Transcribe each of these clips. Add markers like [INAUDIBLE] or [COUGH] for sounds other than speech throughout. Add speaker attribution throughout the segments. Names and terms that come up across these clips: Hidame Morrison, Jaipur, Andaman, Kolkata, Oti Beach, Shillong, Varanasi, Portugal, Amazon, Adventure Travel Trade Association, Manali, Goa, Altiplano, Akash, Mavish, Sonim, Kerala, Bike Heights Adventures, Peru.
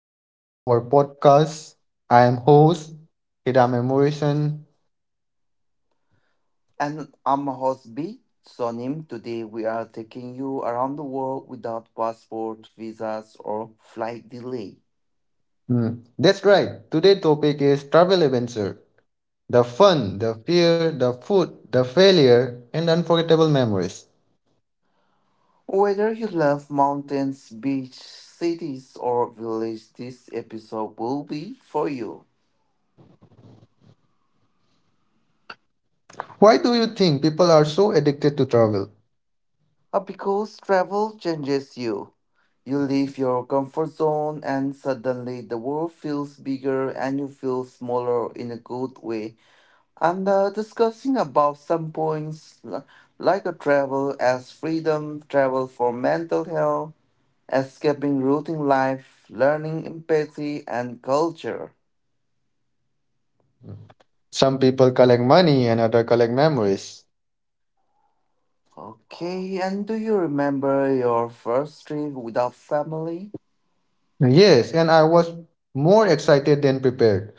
Speaker 1: episode of our podcast. I am host Hidame Morrison.
Speaker 2: And I'm host B, Sonim. Today we are taking you around the world without passport, visas, or flight delay.
Speaker 1: That's right. Today's topic is travel adventure. The fun, the fear, the food, the failure, and the unforgettable memories.
Speaker 2: Whether you love mountains, beach, cities, or village, this episode will be for you.
Speaker 1: Why do you think people are so addicted to travel?
Speaker 2: Because travel changes you. You leave your comfort zone and suddenly the world feels bigger and you feel smaller in a good way and discussing about some points like a travel as freedom, travel for mental health, escaping routine life, learning empathy and culture.
Speaker 1: Some people collect money and other collect memories.
Speaker 2: Okay, and do you remember your first trip without family?
Speaker 1: Yes, and I was more excited than prepared.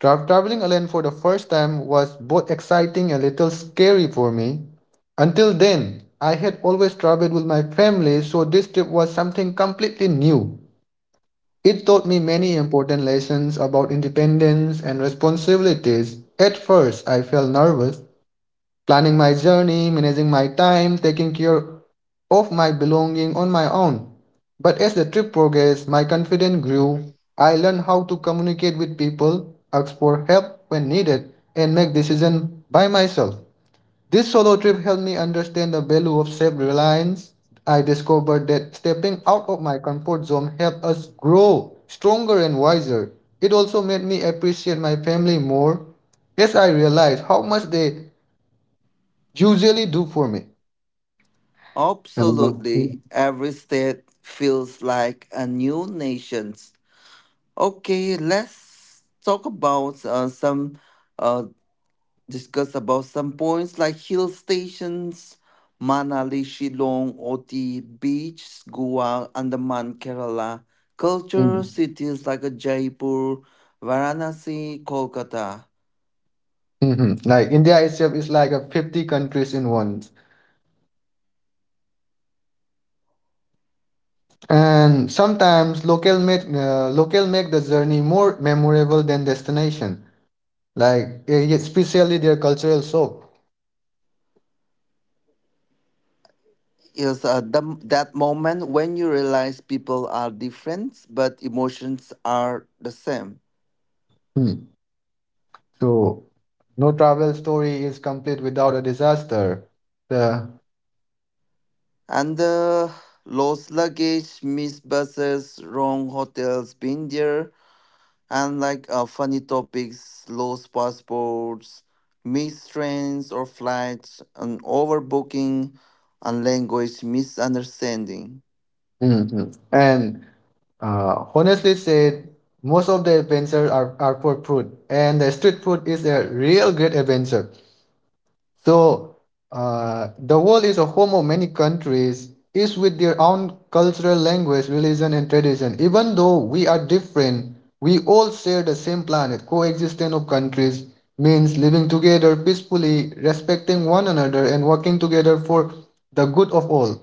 Speaker 1: Traveling alone for the first time was both exciting and a little scary for me. Until then, I had always traveled with my family, so this trip was something completely new. It taught me many important lessons about independence and responsibilities. At first, I felt nervous, planning my journey, managing my time, taking care of my belonging on my own. But as the trip progressed, my confidence grew. I learned how to communicate with people, ask for help when needed, and make decisions by myself. This solo trip helped me understand the value of self reliance. I discovered that stepping out of my comfort zone helped us grow stronger and wiser. It also made me appreciate my family more. Yes, I realized how much they usually do for me. Um,
Speaker 2: Absolutely,
Speaker 1: mm,
Speaker 2: every state feels like a new nation. Okay, let's talk about some uh, discuss about some points like hill stations, Manali, Shillong, Oti Beach, Goa, Andaman, Kerala, culture,
Speaker 1: mm,
Speaker 2: cities like Jaipur, Varanasi, Kolkata.
Speaker 1: mhm. Like India itself is like a 50 countries in one. And sometimes local make the journey more memorable than destination. Like yeah, especially their cultural shock.
Speaker 2: Yes, that moment when you realize people are different, but emotions are the same.
Speaker 1: Hmm. So no travel story is complete without a disaster. The
Speaker 2: And the lost luggage, missed buses, wrong hotels, been there, and like funny topics, lost passports, missed trains or flights, and overbooking, and language misunderstanding.
Speaker 1: Mhm. and Honestly said, most of the adventures are for food, and the street food is a real great adventure. So the world is a home of many countries, each with their own cultural language, religion, and tradition. Even though we are different, we all share the same planet. Coexistence of countries means living together peacefully, respecting one another, and working together for the good of all.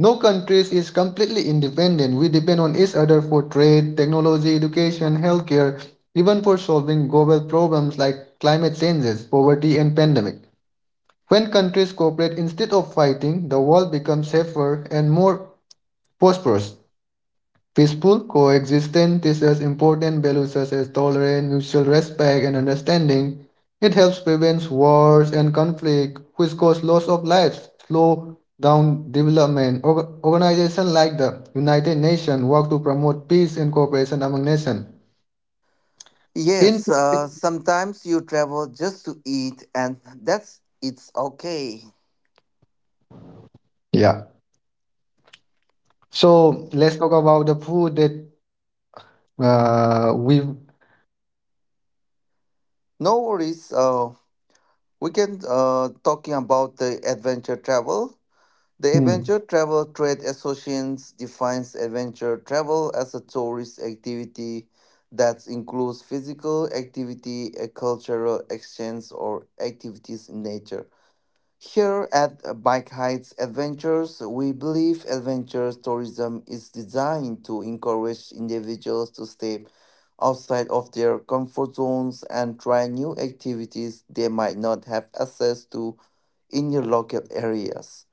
Speaker 1: No country is completely independent. We depend on each other for trade, technology, education, healthcare, even for solving global problems like climate changes, poverty, and pandemic. When countries cooperate instead of fighting, the world becomes safer and more prosperous. Peaceful coexistence teaches important values such as tolerance, mutual respect, and understanding. It helps prevent wars and conflict, which cause loss of lives, slow down development. Organizations like the United Nations work to promote peace and cooperation among nations. In
Speaker 2: Yes, sometimes you travel just to eat, and that's it's okay.
Speaker 1: yeah, so let's talk about the food that we.
Speaker 2: No worries. We can talking about the adventure travel. The
Speaker 1: Hmm.
Speaker 2: Adventure Travel Trade Association defines adventure travel as a tourist activity that includes physical activity, a cultural exchange, or activities in nature. Here at Bike Heights Adventures, we believe adventure tourism is designed to encourage individuals to step outside of their comfort zones and try new activities they might not have access to in your local areas.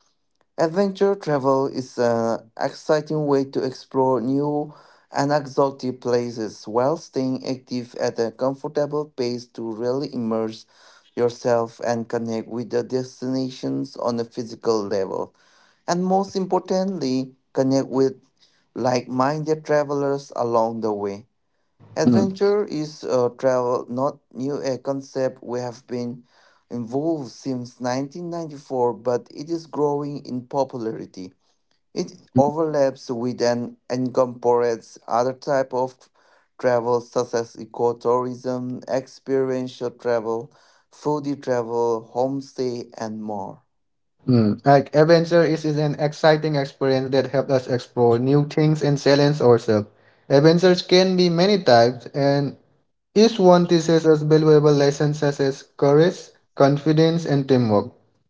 Speaker 2: Adventure travel is an exciting way to explore new and exotic places while staying active at a comfortable pace to really immerse yourself and connect with the destinations on a physical level. And most importantly, connect with like minded travelers along the way.
Speaker 1: Hmm.
Speaker 2: Adventure is travel, not new a concept we have been involved since 1994, but it is growing in popularity. It overlaps with and incorporates other type of travel such as ecotourism, experiential travel, foodie travel, homestay, and more.
Speaker 1: Like adventure is an exciting experience that helps us explore new things and challenge ourselves. Adventures can be many types, and each one teaches us valuable lessons such as courage, confidence, and teamwork.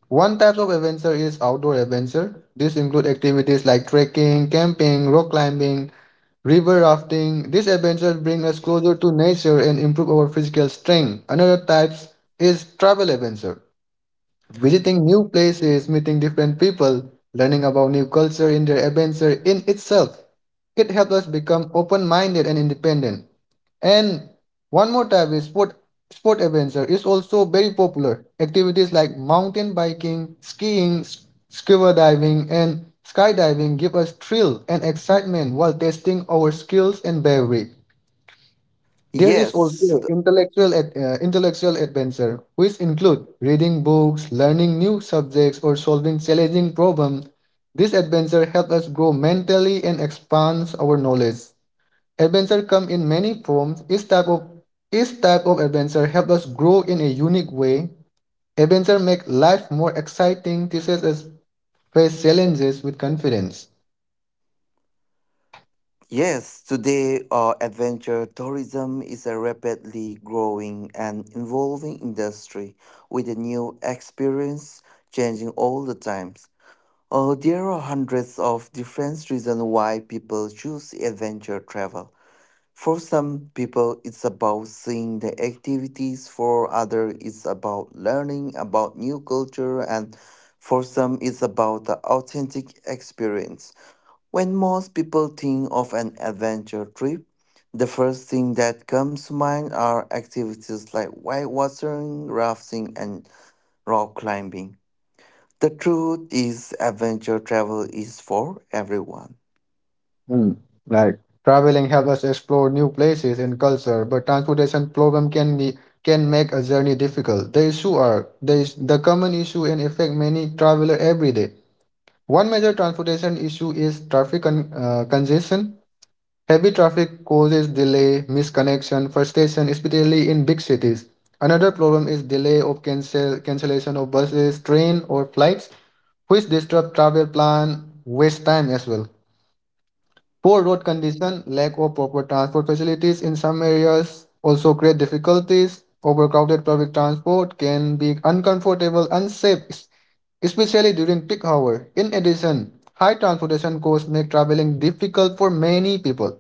Speaker 1: One type of adventure is outdoor adventure. This includes activities like trekking, camping, rock climbing, river rafting. These adventures bring us closer to nature and improve our physical strength. Another type is travel adventure. Visiting new places, meeting different people, learning about new culture in their adventure in itself. It helps us become open-minded and independent. And one more type is sport adventure is also very popular. Activities like mountain biking, skiing, scuba diving, and skydiving give us thrill and excitement while testing our skills and bravery. There is
Speaker 2: Yes,
Speaker 1: also intellectual intellectual adventure, which include reading books, learning new subjects, or solving challenging problems. This adventure helps us grow mentally and expands our knowledge. Adventure come in many forms. Each type of adventure helps us grow in a unique way. Adventure make life more exciting, teaches us face challenges with confidence.
Speaker 2: Yes, today adventure tourism is a rapidly growing and evolving industry with a new experience changing all the times. There are hundreds of different reasons why people choose adventure travel. For some people, it's about seeing the activities. For others, it's about learning about new culture. And for some, it's about the authentic experience. When most people think of an adventure trip, the first thing that comes to mind are activities like whitewatering, rafting, and rock climbing. The truth is, adventure travel is for everyone.
Speaker 1: Hmm. Like traveling helps us explore new places and culture, but transportation problem can make a journey difficult. The issue are the is the common issue and affect many traveler every day. One major transportation issue is traffic congestion. Heavy traffic causes delay, misconnection, frustration, especially in big cities. Another problem is delay of cancellation of buses, train, or flights, which disrupt travel plan, waste time as well. Poor road condition, lack of proper transport facilities in some areas also create difficulties. Overcrowded public transport can be uncomfortable, unsafe, especially during peak hour. In addition, high transportation costs make traveling difficult for many people.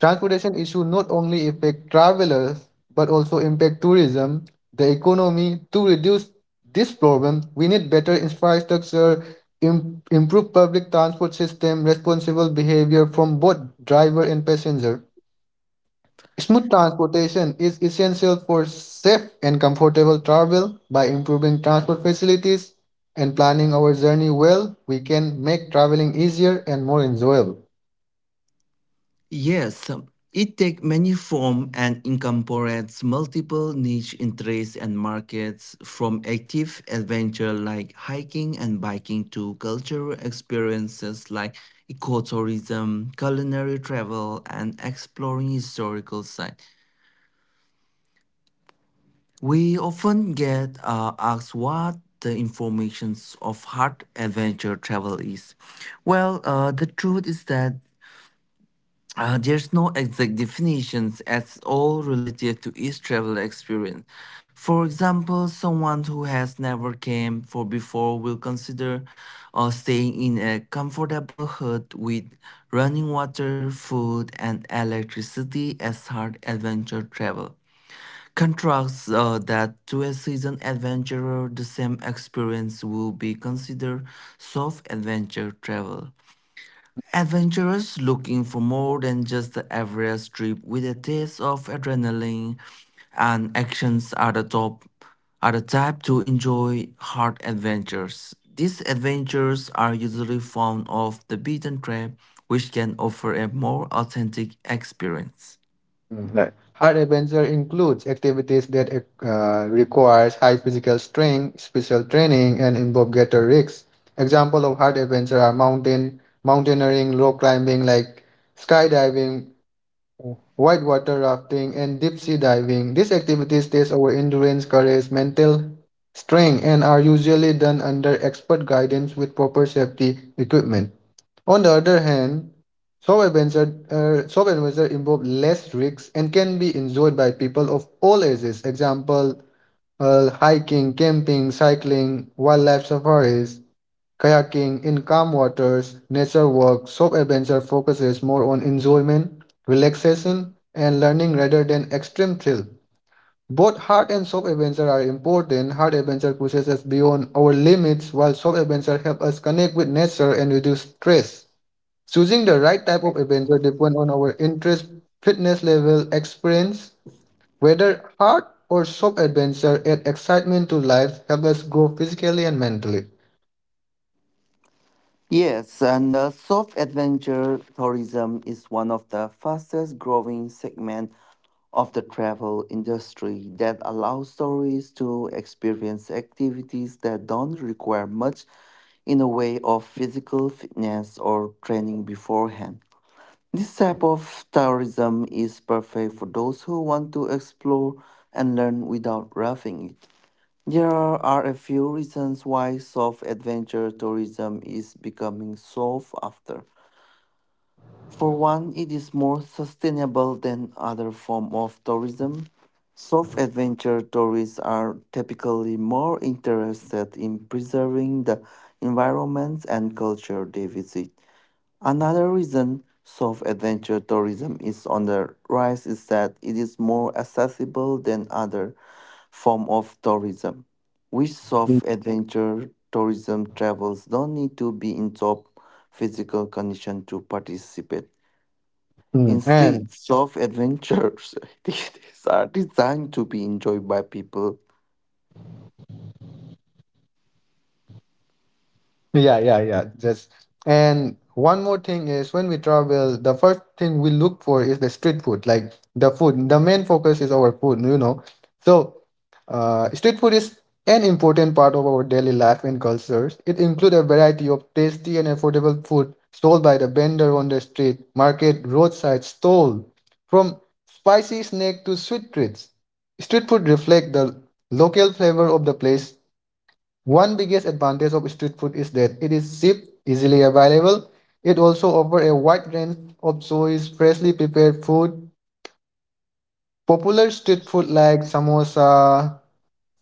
Speaker 1: Transportation issue not only affect travelers but also impact tourism, the economy. To reduce this problem, we need better infrastructure, improve public transport system, responsible behavior from both driver and passenger. Smooth transportation is essential for safe and comfortable travel. By improving transport facilities and planning our journey well, we can make traveling easier and more enjoyable.
Speaker 2: Yes, it takes many forms and incorporates multiple niche interests and markets from active adventure like hiking and biking to cultural experiences like ecotourism, culinary travel, and exploring historical sites. We often get asked what the information of hard adventure travel is. Well, the truth is that there's no exact definitions at all relative to each travel experience. For example, someone who has never camped for before will consider staying in a comfortable hut with running water, food, and electricity as hard adventure travel. Contrasts that to a seasoned adventurer, the same experience will be considered soft adventure travel. Adventurers looking for more than just the average trip with a taste of adrenaline and actions are the type to enjoy hard adventures. These adventures are usually found off the beaten track, which can offer a more authentic experience.
Speaker 1: Right. Hard adventure includes activities that requires high physical strength, special training, and involve greater risks. Example of hard adventure are mountaineering, rock climbing like skydiving, whitewater rafting, and deep sea diving. These activities test our endurance, courage, mental strength, and are usually done under expert guidance with proper safety equipment. On the other hand, solar events are involve less risks and can be enjoyed by people of all ages. Example, hiking, camping, cycling, wildlife safaris, kayaking in calm waters, nature walks. Solar adventure focuses more on enjoyment, relaxation, and learning rather than extreme thrill. Both hard and soft adventure are important. Hard adventure pushes us beyond our limits, while soft adventure help us connect with nature and reduce stress. Choosing the right type of adventure depends on our interest, fitness level, experience, whether hard or soft adventure add excitement to life, help us grow physically and mentally.
Speaker 2: Yes, and soft adventure tourism is one of the fastest growing segment of the travel industry that allows tourists to experience activities that don't require much in the way of physical fitness or training beforehand. This type of tourism is perfect for those who want to explore and learn without roughing it. There are a few reasons why soft adventure tourism is becoming sought after. For one, it is more sustainable than other form of tourism. Soft adventure tourists are typically more interested in preserving the environments and culture they visit. Another reason soft adventure tourism is on the rise is that it is more accessible than other form of tourism. With soft adventure tourism travels don't need to be in top physical condition to participate.
Speaker 1: Mm. And
Speaker 2: Instead, soft adventures [LAUGHS] are designed to be enjoyed by people.
Speaker 1: yeah, yeah, yeah. Just and one more thing is when we travel, the first thing we look for is the street food, like the food. The main focus is our food, you know. So, street food is an important part of our daily life and cultures. It includes a variety of tasty and affordable food sold by the vendor on the street, market, roadside stall, from spicy snack to sweet treats. Street food reflect the local flavor of the place one biggest advantage of street food is that it is cheap, easily available. It also offers a wide range of choice, freshly prepared food. Popular street food like samosa,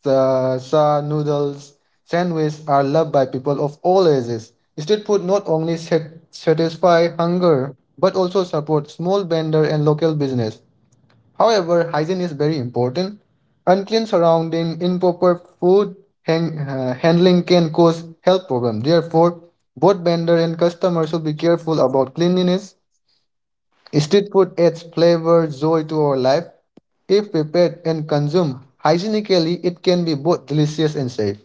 Speaker 1: sa noodles, sandwiches are loved by people of all ages. Street food not only satisfy hunger but also supports small vendor and local business. However, hygiene is very important. Unclean surrounding, improper food handling can cause health problems. Therefore, both vendor and customer should be careful about cleanliness. Street food adds flavor, joy to our life. If prepared and consumed hygienically, it can be both delicious and safe.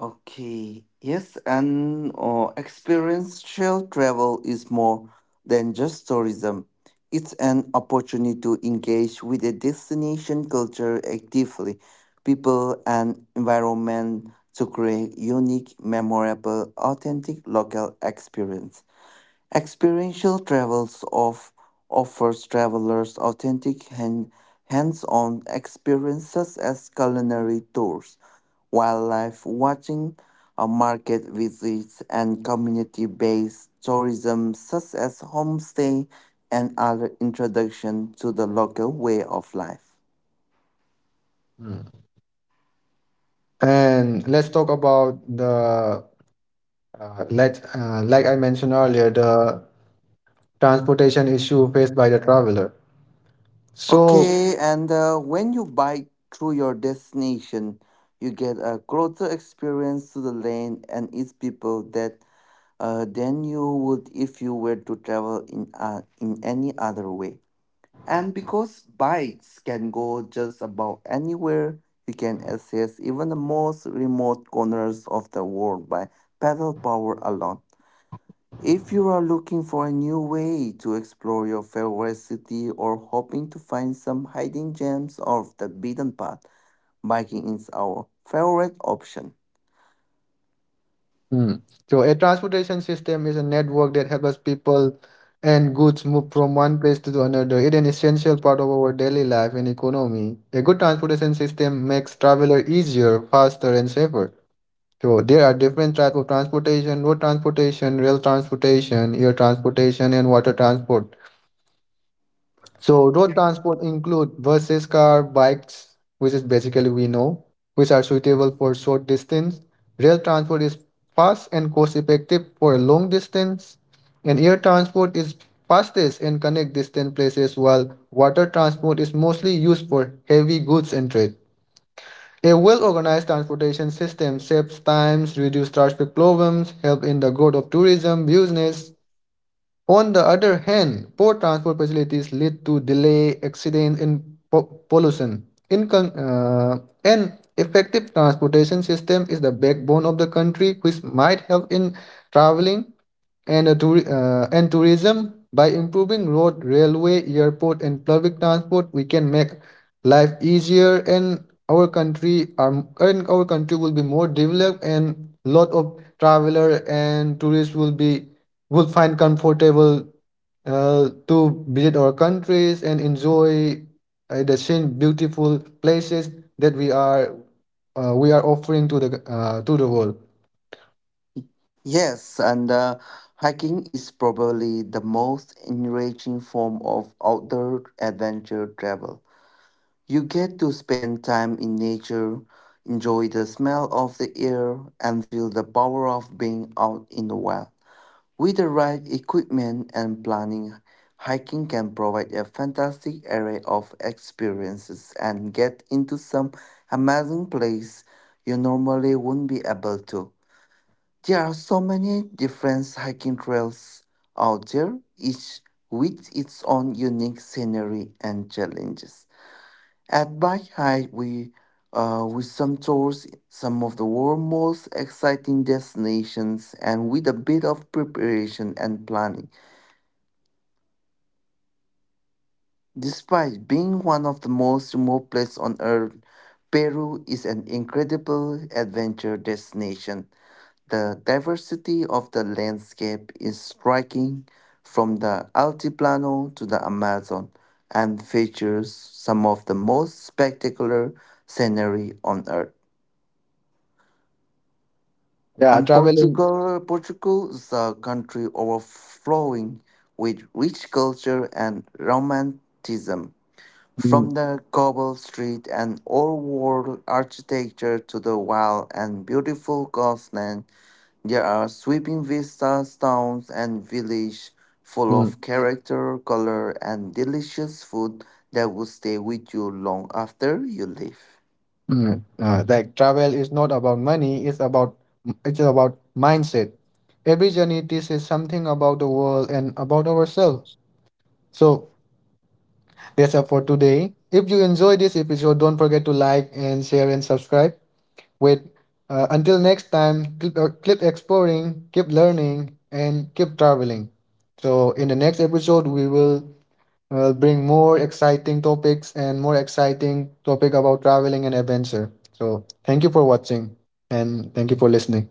Speaker 2: Okay, yes, and experiential travel is more than just tourism. It's an opportunity to engage with a destination culture actively, people and environment to create unique, memorable, authentic local experience. Experiential travels of offers travelers authentic hands-on experiences as culinary tours, wildlife watching, market visits, and community-based tourism such as homestay and other introduction to the local way of life.
Speaker 1: Mm. And let's talk about the let like I mentioned earlier, the transportation issue faced by the traveler. So
Speaker 2: Okay, and when you bike through your destination, you get a closer experience to the land and its people that than you would if you were to travel in any other way. And because bikes can go just about anywhere, you can access even the most remote corners of the world by pedal power alone. If you are looking for a new way to explore your favorite city or hoping to find some hidden gems of the beaten path, biking is our favorite option.
Speaker 1: Hmm. So a transportation system is a network that helps people and goods move from one place to another. It's an essential part of our daily life and economy. A good transportation system makes traveler easier, faster, and safer. So there are different types of transportation: road transportation, rail transportation, air transportation, and water transport. So road transport include buses, car, bikes, which is basically we know, which are suitable for short distance. Rail transport is fast and cost effective for long distance. And air transport is fastest and connect distant places while water transport is mostly used for heavy goods and trade. A well-organized transportation system saves times, reduces traffic problems, help in the growth of tourism, business, on the other hand, poor transport facilities lead to delay, accidents, and pollution. In con- uh, an effective transportation system is the backbone of the country, which might help in traveling and, and tourism. By improving road, railway, airport, and public transport, we can make life easier, and and our country will be more developed, and lot of traveler and tourists will be would find comfortable to visit our countries and enjoy the same beautiful places that we are offering to the world.
Speaker 2: Yes, and hiking is probably the most enriching form of outdoor adventure travel. You get to spend time in nature, enjoy the smell of the air, and feel the power of being out in the wild. With the right equipment and planning, hiking can provide a fantastic array of experiences and get into some amazing place you normally wouldn't be able to. There are so many different hiking trails out there, each with its own unique scenery and challenges. At Bike High, we with some tours, some of the world's most exciting destinations, and with a bit of preparation and planning. Despite being one of the most remote places on Earth, Peru is an incredible adventure destination. The diversity of the landscape is striking from the Altiplano to the Amazon and features some of the most spectacular scenery on earth.
Speaker 1: Yeah,
Speaker 2: And
Speaker 1: traveling.
Speaker 2: Portugal is a country overflowing with rich culture and romanticism.
Speaker 1: Mm,
Speaker 2: From the cobble street and old world architecture to the wild and beautiful coastline there are sweeping vistas, towns, and villages full
Speaker 1: mm,
Speaker 2: of character, color, and delicious food that will stay with you long after you leave.
Speaker 1: mm. Like travel is not about money; it's about mindset. Every journey teaches something about the world and about ourselves. So that's all for today. If you enjoy this episode, don't forget to like and share and subscribe. With Until next time, keep exploring, keep learning, and keep traveling. So, in the next episode, we will bring more exciting topic about traveling and adventure. So, thank you for watching and thank you for listening.